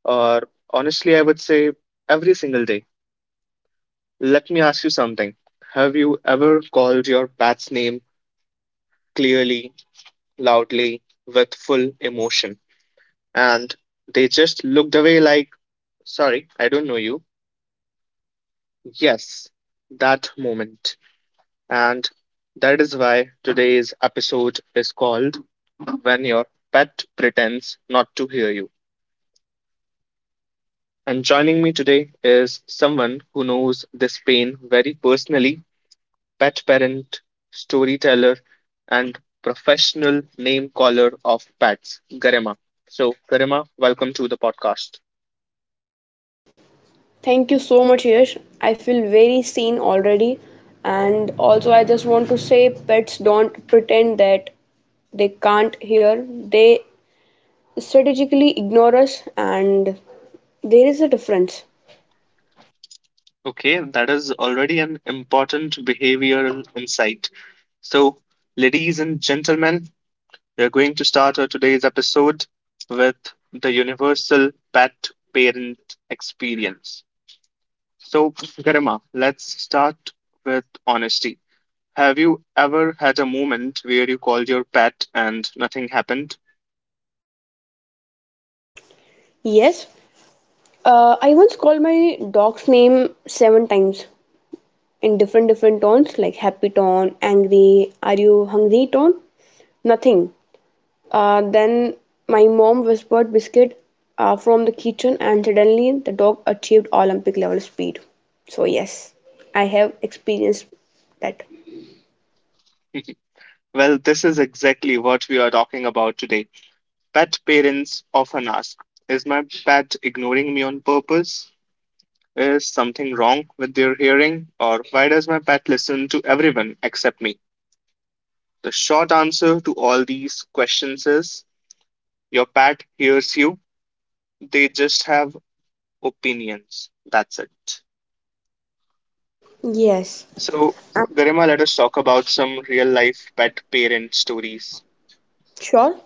or honestly, I would say every single day. Let me ask you something. Have you ever called your pet's name clearly, loudly, with full emotion, and they just looked away like, sorry, I don't know you? Yes, that moment. And that is why today's episode is called When Your Pet Pretends Not to Hear You. And joining me today is someone who knows this pain very personally, pet parent, storyteller, and professional name caller of pets, Garema. So, Garema, welcome to the podcast. Thank you so much, Yash. I feel very seen already. And also, I just want to say pets don't pretend that they can't hear, they strategically ignore us, and there is a difference. Okay, that is already an important behavioral insight. So, ladies and gentlemen, we are going to start our today's episode with the universal pet parent experience. So, Garima, let's start with honesty. Have you ever had a moment where you called your pet and nothing happened? Yes, I once called my dog's name seven times in different tones like happy tone, angry, are you hungry tone. Nothing. Then my mom whispered biscuit from the kitchen, and suddenly the dog achieved Olympic level speed. So, yes, I have experienced that. Well, this is exactly what we are talking about today. Pet parents often ask, is my pet ignoring me on purpose? Is something wrong with their hearing? Or why does my pet listen to everyone except me? The short answer to all these questions is your pet hears you, they just have opinions. That's it. Yes, So, Garima, let us talk about some real life pet parent stories. sure.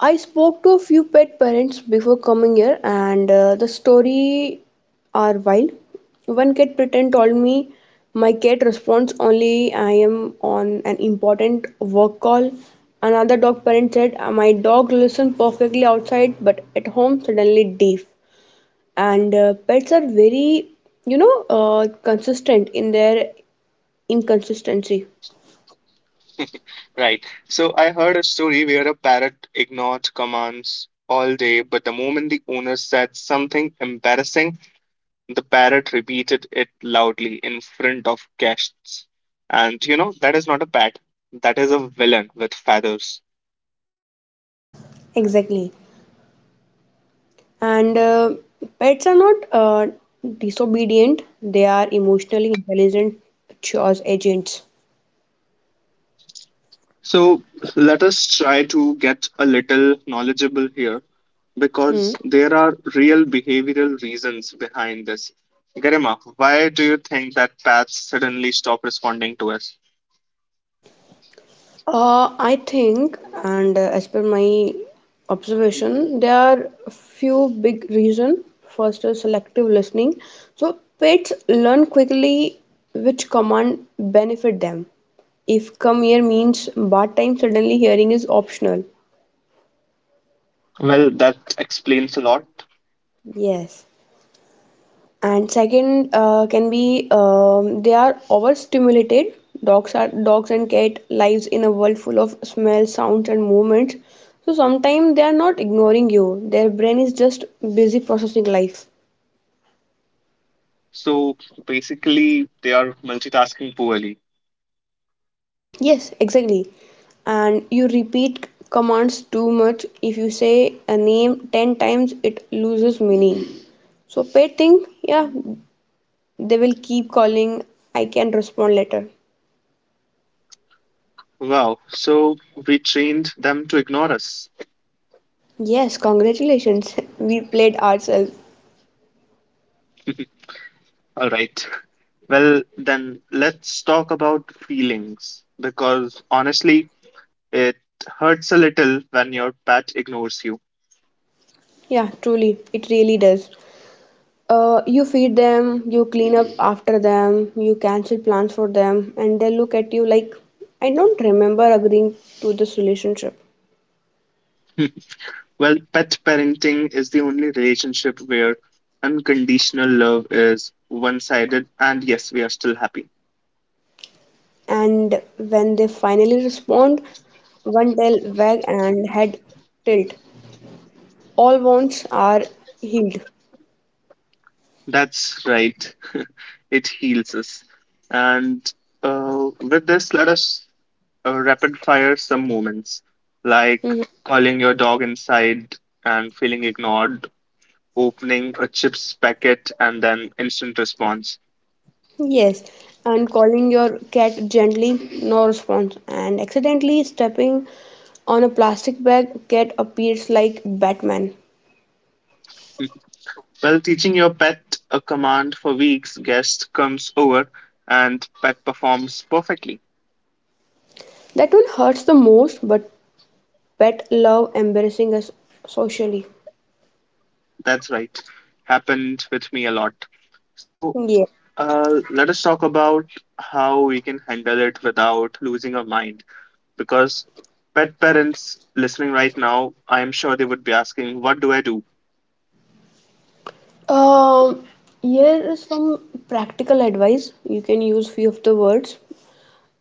I spoke to a few pet parents before coming here, and the story are wild. One cat pretend told me my cat responds only I am on an important work call. Another dog parent said "My dog listens perfectly outside, but at home suddenly deaf. And pets are very, consistent in their inconsistency. Right. So, I heard a story where a parrot ignored commands all day, but the moment the owner said something embarrassing, the parrot repeated it loudly in front of guests. And you know, that is not a pet, that is a villain with feathers. Exactly. And pets are not disobedient, they are emotionally intelligent choice agents. So let us try to get a little knowledgeable here Hmm. because there are real behavioral reasons behind this. Garima, why do you think that bats suddenly stop responding to us? I think, and as per my observation, there are a few big reasons. First is selective listening. So pets learn quickly which command benefit them. If come here means bath time, suddenly hearing is optional. Well, that explains a lot. Yes. And second can be, they are overstimulated. Dogs are dogs and cat lives in a world full of smells, sounds, and movements. So sometimes they are not ignoring you, their brain is just busy processing life. So basically, they are multitasking poorly. Yes, exactly. And you repeat commands too much. If you say a name 10 times, it loses meaning. So pet thing, yeah, they will keep calling, I can respond later. Wow, so we trained them to ignore us. Yes, congratulations. We played ourselves. All right. Well, then let's talk about feelings because honestly, it hurts a little when your pet ignores you. Yeah, truly, it really does. You feed them, you clean up after them, you cancel plans for them, and they look at you like, I don't remember agreeing to this relationship. Well, pet parenting is the only relationship where unconditional love is one sided, and yes, we are still happy. And when they finally respond, one tail wag and head tilt. All wounds are healed. That's right. It heals us. And with this, let us rapid fire some moments like Mm-hmm. calling your dog inside and feeling ignored, opening a chips packet, and then instant response. Yes, and calling your cat gently, no response, and accidentally stepping on a plastic bag, cat appears like Batman. While teaching your pet a command for weeks, guest comes over and pet performs perfectly. That one hurts the most, but pet love embarrassing us socially. That's right. Happened with me a lot. So Yeah. Let us talk about how we can handle it without losing our mind. Because pet parents listening right now, I am sure they would be asking, "What do I do?" Um, here is some practical advice. You can use few of the words.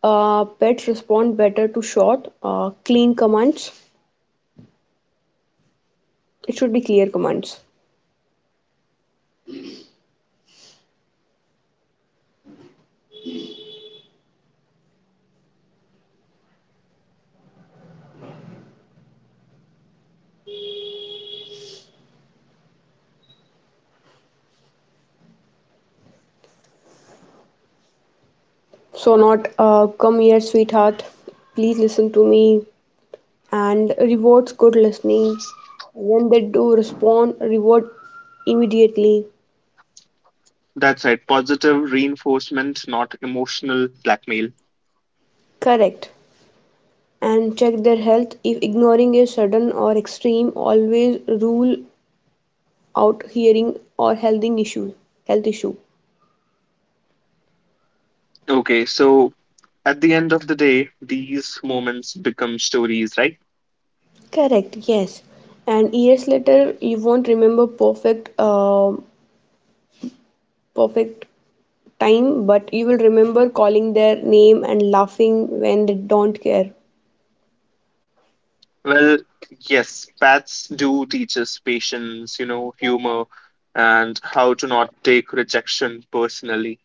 Pets respond better to short, clean commands. It should be clear commands. Okay, so not something like, "Come here, sweetheart, please listen to me." So not something like, "Come here, sweetheart, please listen to me." So not come here, sweetheart. Please listen to me. And rewards good listening. When they do respond, reward immediately. That's right. Positive reinforcement, not emotional blackmail. Correct. And check their health. If ignoring is sudden or extreme, always rule out hearing or healthing issue. Health issue. Okay, so at the end of the day, these moments become stories, right? Correct. Yes. And years later, you won't remember perfect time, but you will remember calling their name and laughing when they don't care. Well, yes, paths do teach us patience, you know, humor, and how to not take rejection personally.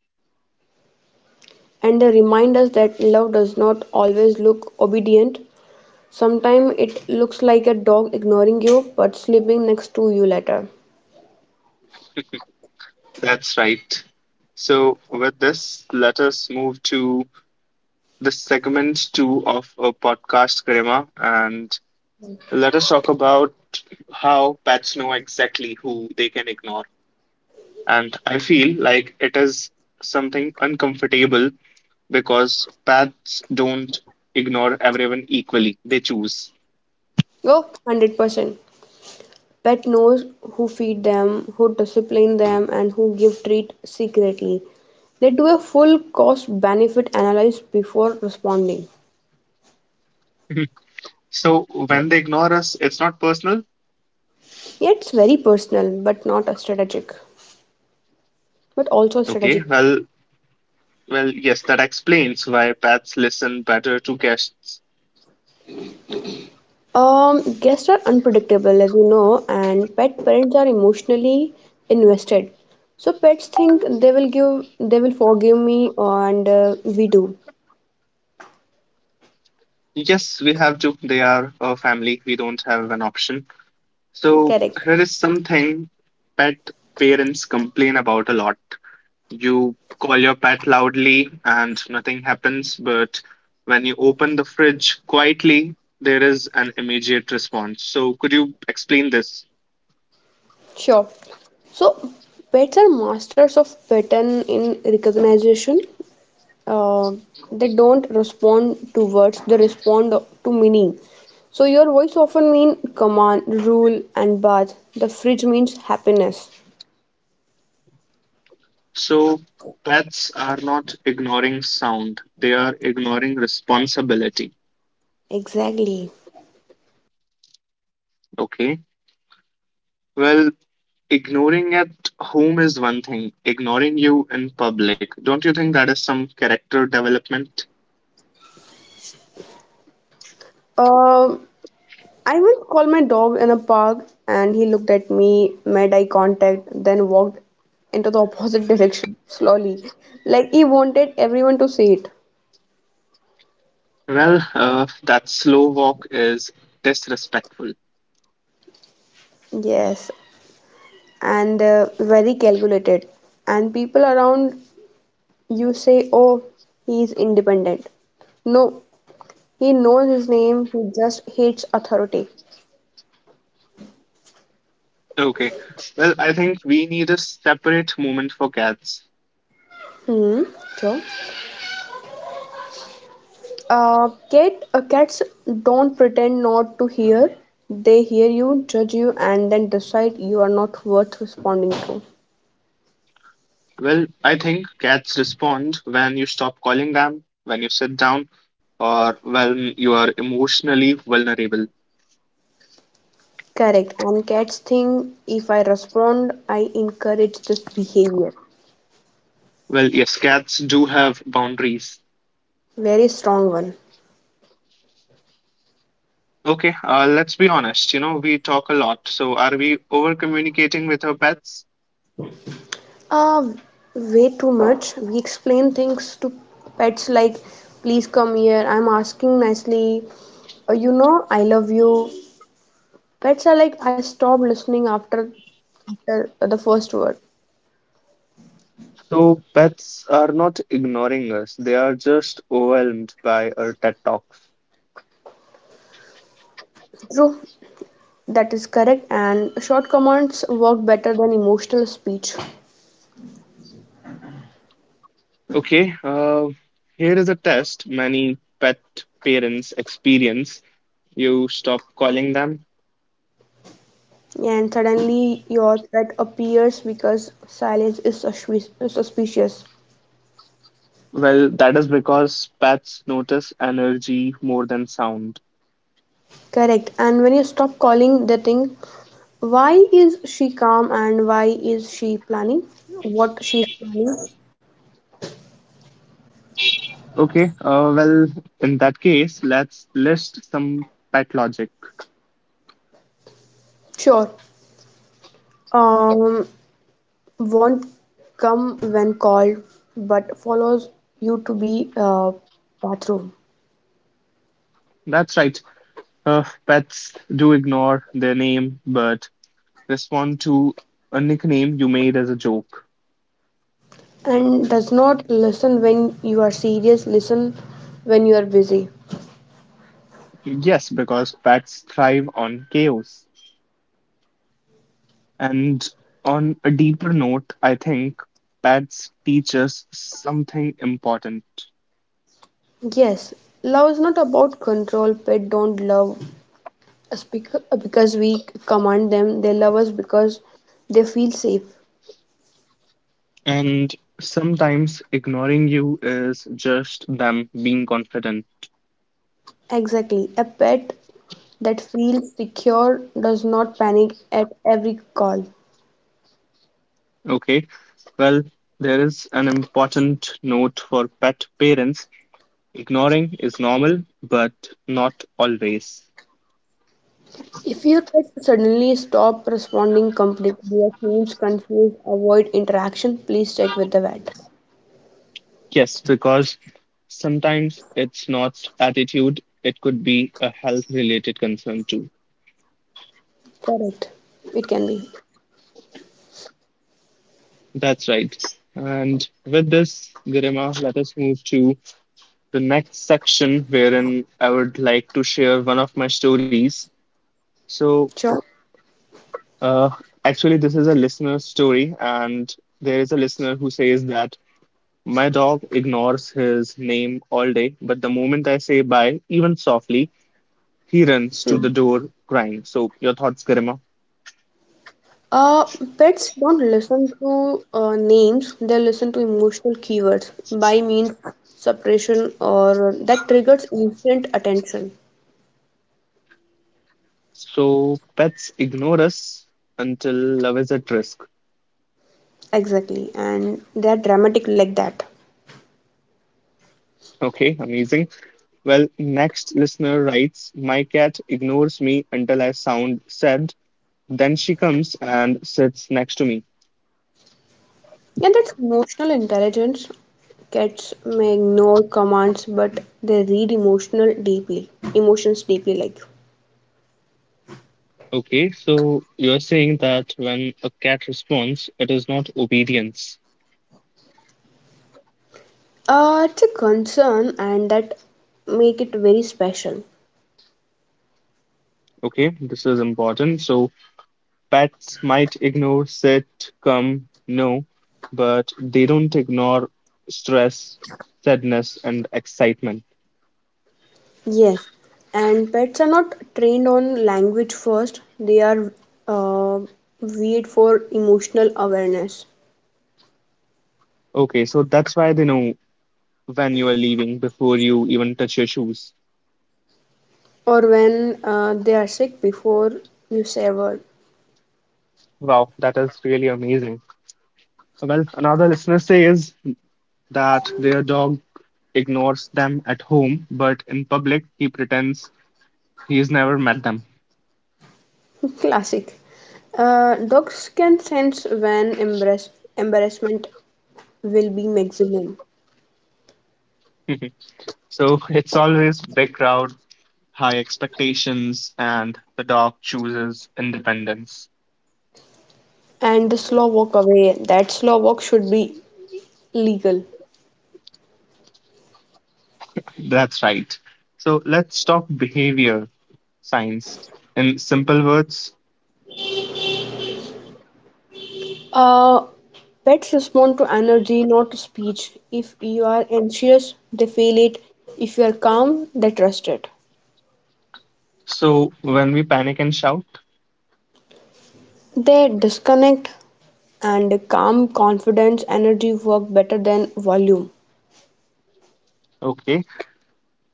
And they remind us that love does not always look obedient. Sometimes it looks like a dog ignoring you but sleeping next to you later. That's right. So, with this, let us move to the segment two of our podcast, Karima, and let us talk about how pets know exactly who they can ignore. And I feel like it is something uncomfortable because paths don't ignore everyone equally, they choose. Oh, 100%. Pet knows who feed them, who discipline them, and who give treat secretly. They do a full cost benefit analysis before responding. So when they ignore us, it's not personal. Yeah, it's very personal but not a strategic, but also Okay, strategic. well, well, yes, that explains why pets listen better to guests. Guests are unpredictable, as you know, and pet parents are emotionally invested. So pets think they will forgive me, and we do. Yes, we have to. They are a family. We don't have an option. So Correct. here is something pet parents complain about a lot. You call your pet loudly and nothing happens, but when you open the fridge quietly, there is an immediate response. So, could you explain this? Sure. So pets are masters of pattern in recognition. Uh, they don't respond to words; they respond to meaning. So your voice often means command, rule, and bath. The fridge means happiness. So, pets are not ignoring sound, they are ignoring responsibility. Exactly. Okay. Well, ignoring at home is one thing, ignoring you in public. Don't you think that is some character development? Um, I once called my dog in a park and he looked at me, made eye contact, then walked into the opposite direction slowly, like he wanted everyone to see it. Well, that slow walk is disrespectful. Yes, and very calculated. And people around you say, oh, he is independent. No, he knows his name, he just hates authority. Okay. Well, I think we need a separate moment for cats. Hmm, sure. Cats don't pretend not to hear. They hear you, judge you, and then decide you are not worth responding to. Well, I think cats respond when you stop calling them, when you sit down, or when you are emotionally vulnerable. Correct. And cats think if I respond, I encourage this behavior. Well, yes, cats do have boundaries. Very strong one. Okay, let's be honest. You know, we talk a lot. So, are we over communicating with our pets? Uh, way too much. We explain things to pets like, please come here, I'm asking nicely. You know, I love you. Pets are like, I stop listening after the first word. So, pets are not ignoring us, they are just overwhelmed by our TED Talks. True. That is correct. And short commands work better than emotional speech. Okay, here is a test many pet parents experience. You stop calling them. And suddenly your threat appears because silence is suspicious. Well, that is because pets notice energy more than sound. Correct. And when you stop calling the thing, why is she calm and why is she planning? What she's planning? Okay, well, in that case, let's list some pet logic. Sure. Um, won't come when called, but follows you to be bathroom. That's right. Pets do ignore their name, but respond to a nickname you made as a joke. And does not listen when you are serious, listen when you are busy. Yes, because pets thrive on chaos. And on a deeper note, I think pets teach us something important. Yes, love is not about control. Pet don't love us because we command them. They love us because they feel safe. And sometimes ignoring you is just them being confident. Exactly. A pet that feels secure does not panic at every call. Okay, well, there is an important note for pet parents. Ignoring is normal, but not always. If your pet suddenly stop responding completely or seems confused, avoid interaction. Please check with the vet. Yes, because sometimes it's not attitude, it could be a health related concern too. Correct. It can be. That's right. And with this, Garima, let us move to the next section wherein I would like to share one of my stories. So, Sure. uh, actually, this is a listener story, and there is a listener who says that my dog ignores his name all day, but the moment I say bye, even softly, he runs to Hmm. the door crying. So, your thoughts, Garima? Uh, pets don't listen to names, they listen to emotional keywords by means suppression or that triggers instant attention. So, pets ignore us until love is at risk. Exactly, and they're dramatic like that. Okay, amazing. Well, next listener writes, my cat ignores me until I sound sad. Then she comes and sits next to me. And that's emotional intelligence. Cats may ignore commands, but they read emotional deeply, emotions deeply like. Okay, so you're saying that when a cat responds, it is not obedience. It's a concern and that make it very special. Okay, this is important. So pets might ignore, sit, come, no, but they don't ignore stress, sadness, and excitement. Yes, and pets are not trained on language first, they are uh, weed for emotional awareness Okay, so that's why they know when you are leaving before you even touch your shoes. or when they are sick before you say a word. Wow, that is really amazing. Well, another listener says that their dog ignores them at home, but in public, he pretends he's never met them. Classic. Dogs can sense when embarrassment will be maximum So it's always big crowd, high expectations, and the dog chooses independence. and the slow walk away. That slow walk should be legal. That's right. So let's talk behavior science in simple words. Uh, pets respond to energy, not to speech. If you are anxious, they feel it. If you are calm, they trust it. So when we panic and shout, They disconnect and calm, confidence, energy work better than volume. okay,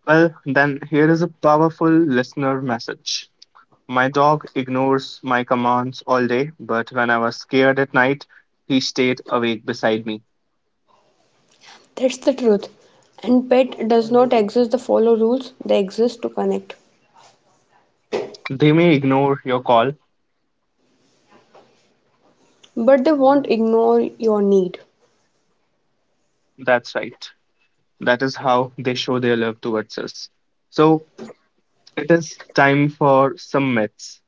well, then here is a powerful listener message. My dog ignores my commands all day, but when I was scared at night, he stayed awake beside me. That's the truth. And pet does not exist to follow rules, they exist to connect. They may ignore your call. But they won't ignore your need. That's right. That is how they show their love towards us. So it is time for some myths.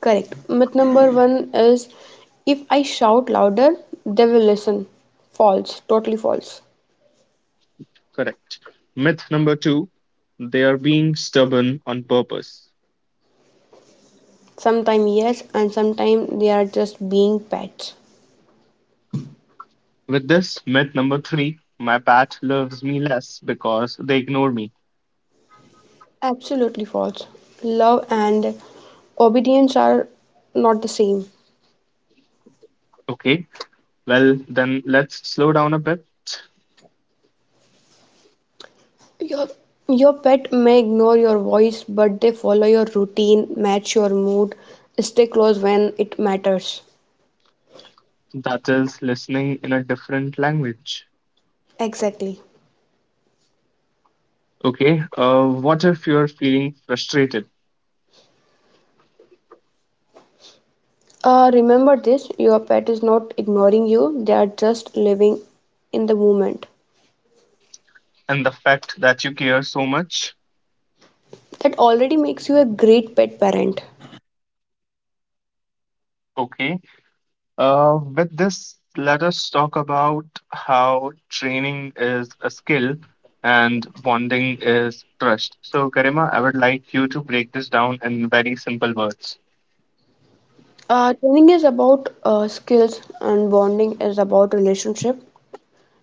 Correct. Myth number one is if I shout louder, they will listen. False, totally false. Correct. Myth number two, they are being stubborn on purpose. Sometimes yes, and sometimes they are just being pets. With this, myth number three, my pet loves me less because they ignore me. Absolutely false. Love and obedience are not the same. Okay, well, then let's slow down a bit. Your, your pet may ignore your voice, but they follow your routine, match your mood, stay close when it matters. That is listening in a different language. Exactly. Okay, what if you're feeling frustrated Remember this your pet is not ignoring you, they are just living in the moment. and the fact that you care so much? That already makes you a great pet parent. Okay, with this, let us talk about how training is a skill and bonding is trust. So, Karima, I would like you to break this down in very simple words. Training is about skills and bonding is about relationship.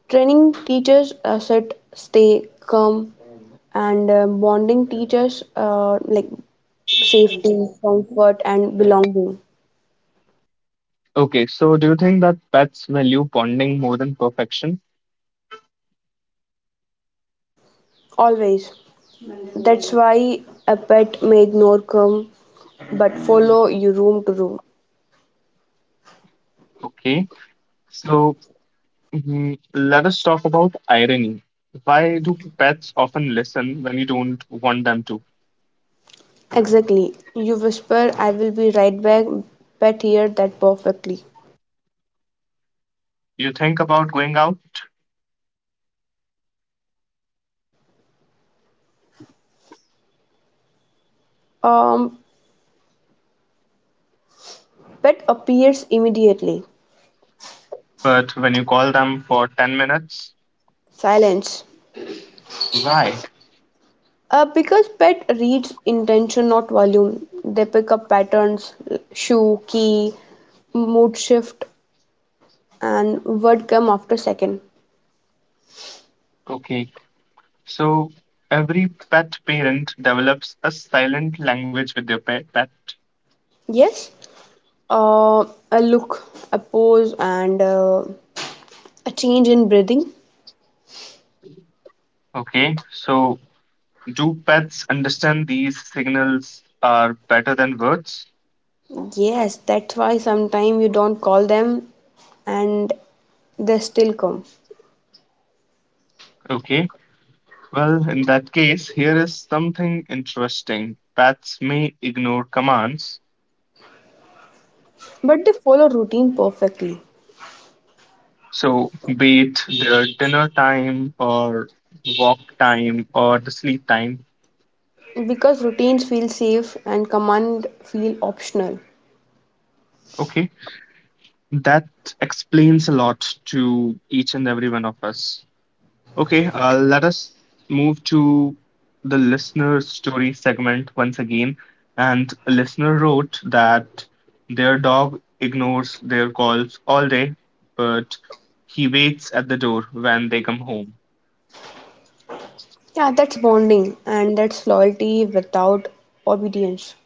Training teaches sit, stay, calm, and bonding teaches like safety, comfort, and belonging. Okay, so do you think that pets value bonding more than perfection? Always. That's why a pet may ignore come, but follow you room to room. Okay, so Mhm. Let us talk about irony. Why do pets often listen when you don't want them to? Exactly. You whisper, "I will be right back." Pet hear that perfectly. You think about going out, Um, pet appears immediately. but when you call them for 10 minutes, Silence. why? Because pet reads intention, not volume. They pick up patterns, shoe, key, mood shift, and word come after second. Okay, so every pet parent develops a silent language with their pet. Yes, uh, a look, a pose, and a change in breathing. Okay, so do pets understand these signals are better than words? Yes, that's why sometimes you don't call them and they still come. Okay, well, in that case, here is something interesting. Pets may ignore commands. But they follow routine perfectly So, be it their dinner time or walk time or the sleep time, because routines feel safe and command feel optional. okay, that explains a lot to each and every one of us. Okay, let us move to the listener story segment once again. And a listener wrote that their dog ignores their calls all day, but he waits at the door when they come home. Yeah, that's bonding and that's loyalty without obedience.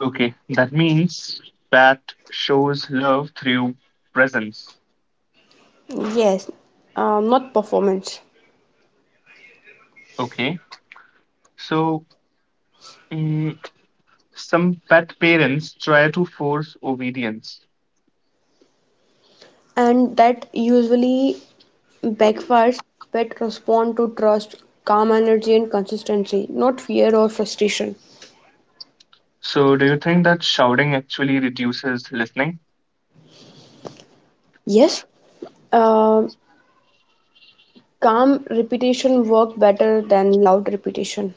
Okay, that means that shows love through presence. Yes, not performance. Okay, so mm, some pet parents try to force obedience. And that usually backfires but respond to trust, calm energy, and consistency, not fear or frustration. So, do you think that shouting actually reduces listening? Yes, um calm repetition work better than loud repetition.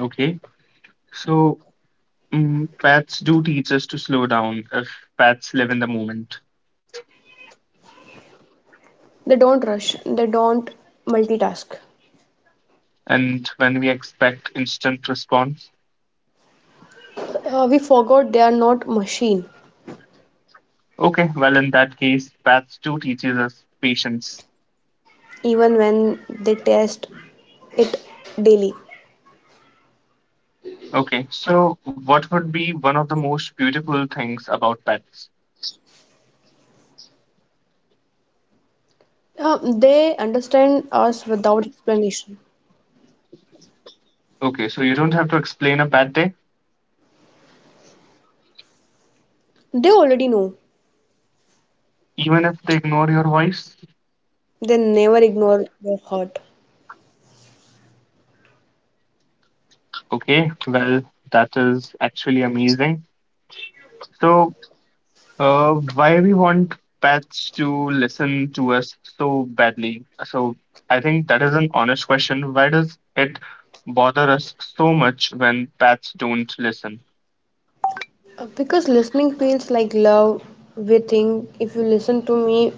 Okay, so pets do teach us to slow down if pets live in the moment They don't rush, they don't multitask. and when we expect instant response. We forgot they are not machine, Okay, well, in that case, pets do teaches us patience. even when they test it daily. Okay, so what would be one of the most beautiful things about pets? They understand us without explanation. Okay, so you don't have to explain a bad day, They already know. even if they ignore your voice. They never ignore your heart. Okay, well, that is actually amazing. So, why we want pets to listen to us so badly? So, I think that is an honest question. Why does it bother us so much when pets don't listen? Because listening feels like love. We think if you listen to me,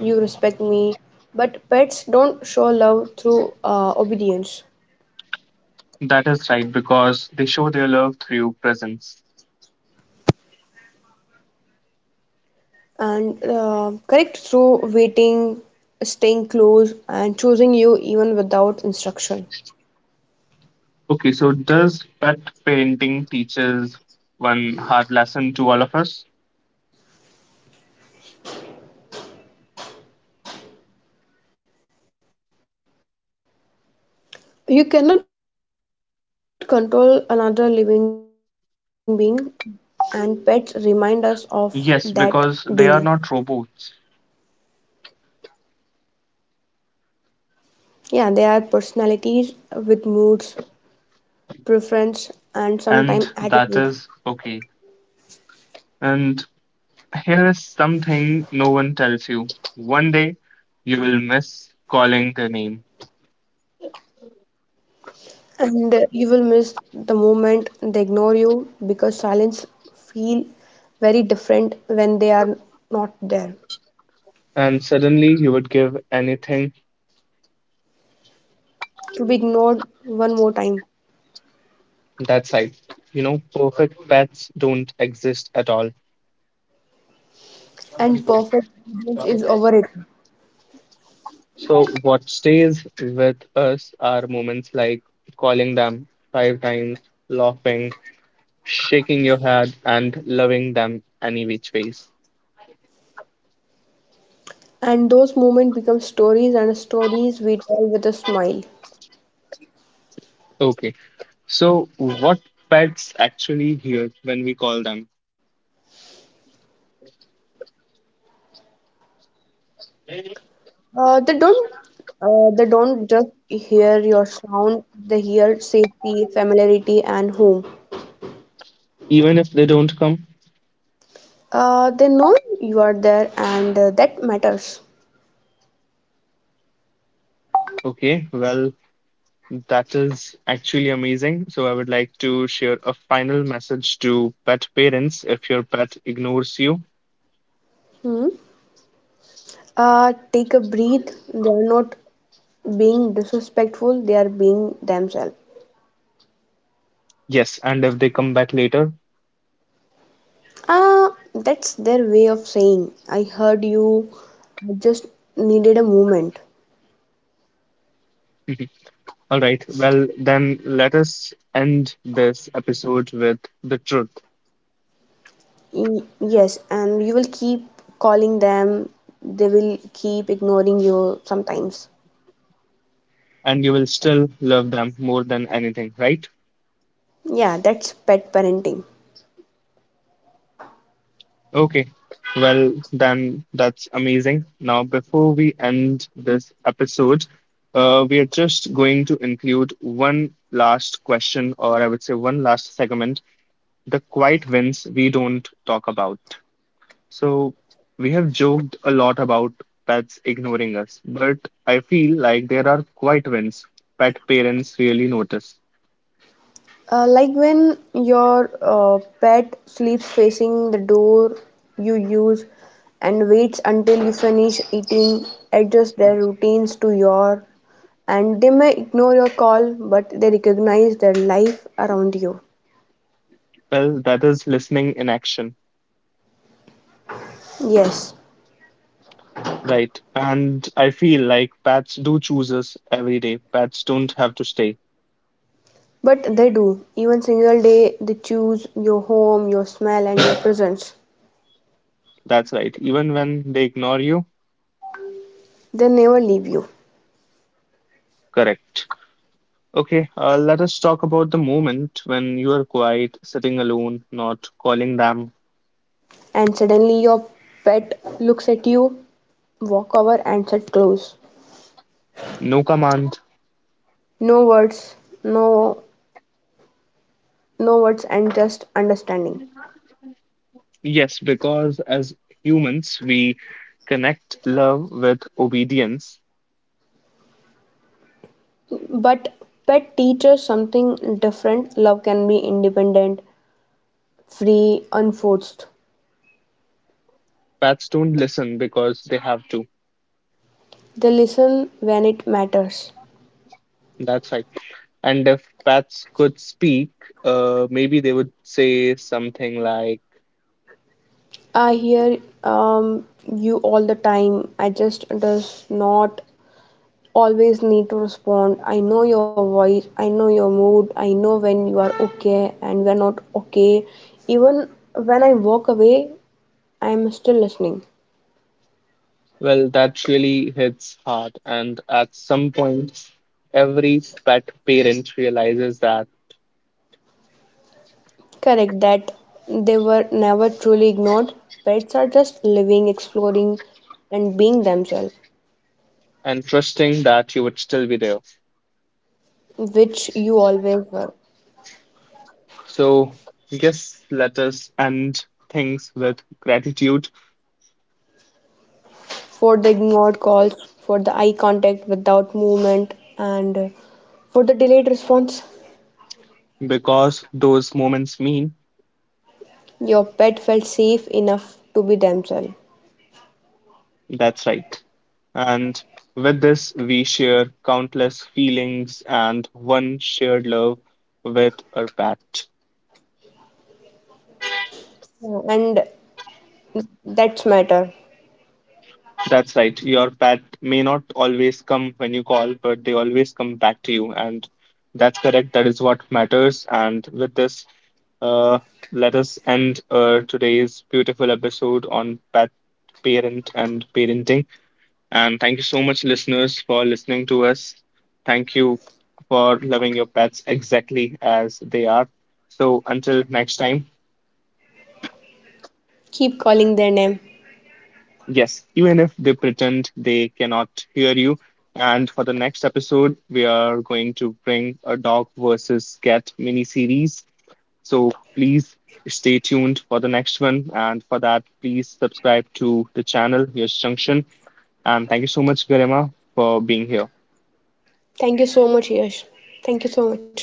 you respect me. But pets don't show love through obedience That is right, because they show their love through presence. and correct through waiting, staying close, and choosing you even without instruction. Okay, so does pet painting teaches one hard lesson to all of us? You cannot control another living being, and pets remind us of that Yes, daily. because they are not robots, Yeah, they are personalities with moods, preference, and and sometimes that attitude. is okay. And here is something no one tells you. One day you will miss calling their name, And you will miss the moment they ignore you because silence feel very different when they are not there. and suddenly you would give anything To be ignored one more time. that size. You know, perfect pets don't exist at all. And perfect presence is overrated. So, what stays with us are moments like calling them five times, laughing, shaking your head, and loving them any which ways. And those moments become stories and stories we tell with a smile. Okay, so what pets actually hear when we call them, Uh, they don't they don't just hear your sound, they hear safety, familiarity, and home. even if they don't come? They know you are there, and that matters. Okay, well, that is actually amazing. So, I would like to share a final message to pet parents if your pet ignores you. Hmm. Take a breath. They are not being disrespectful, they are being themselves. Yes, and if they come back later. That's their way of saying, I heard you, I just needed a moment. All right, well, then let us end this episode with the truth, Yes, and you will keep calling them, they will keep ignoring you sometimes. and you will still love them more than anything, right? Yeah, that's pet parenting. Okay, well, then that's amazing. Now, before we end this episode, we are just going to include one last question, or I would say one last segment, the quiet wins we don't talk about. So, we have joked a lot about pets ignoring us, but I feel like there are quiet wins pet parents really notice. Like when your pet sleeps facing the door you use and waits until you finish eating, adjust their routines to your, and they may ignore your call, but they recognize their life around you. Well, that is listening in action, Yes, right? And I feel like pets do choose us every day. Pets don't have to stay. but they do. Even single day, they choose your home, your smell, and your presence. That's right. Even when they ignore you, They never leave you. correct. Okay, let us talk about the moment when you are quiet, sitting alone, not calling them. And suddenly, your pet looks at you, walk over, and sit close. No command, No words, no no words and just understanding. yes, because as humans, we connect love with obedience. But pet teaches something different. Love can be independent, free, unforced. Pets don't listen because they have to. They listen when it matters. That's right. And if pets could speak, maybe they would say something like, I hear you all the time. I just does not always need to respond. I know your voice. I know your mood. I know when you are okay and when not okay. Even when I walk away, I am still listening. well, that really hits hard. And at some point, every pet parent realizes that Correct that they were never truly ignored. Pets are just living, exploring, and being themselves, and trusting that you would still be there. which you always were. So, yes, let us end things with gratitude For the ignored calls, for the eye contact without movement, and for the delayed response, because those moments mean your pet felt safe enough to be themselves. that's right. And with this, we share countless feelings and one shared love with our pet. Yeah, and that's matter. That's right. Your pet may not always come when you call, but they always come back to you. And that's correct. That is what matters. And with this, uh, let us end today's beautiful episode on pet parent and parenting. And thank you so much, listeners, for listening to us. Thank you for loving your pets exactly as they are. So until next time, Keep calling their name. yes, even if they pretend they cannot hear you. And for the next episode, we are going to bring a dog versus cat mini series. So please stay tuned for the next one. And for that, please subscribe to the channel, Yash Junction. And thank you so much, Garima, for being here. Thank you so much, Yash. Thank you so much.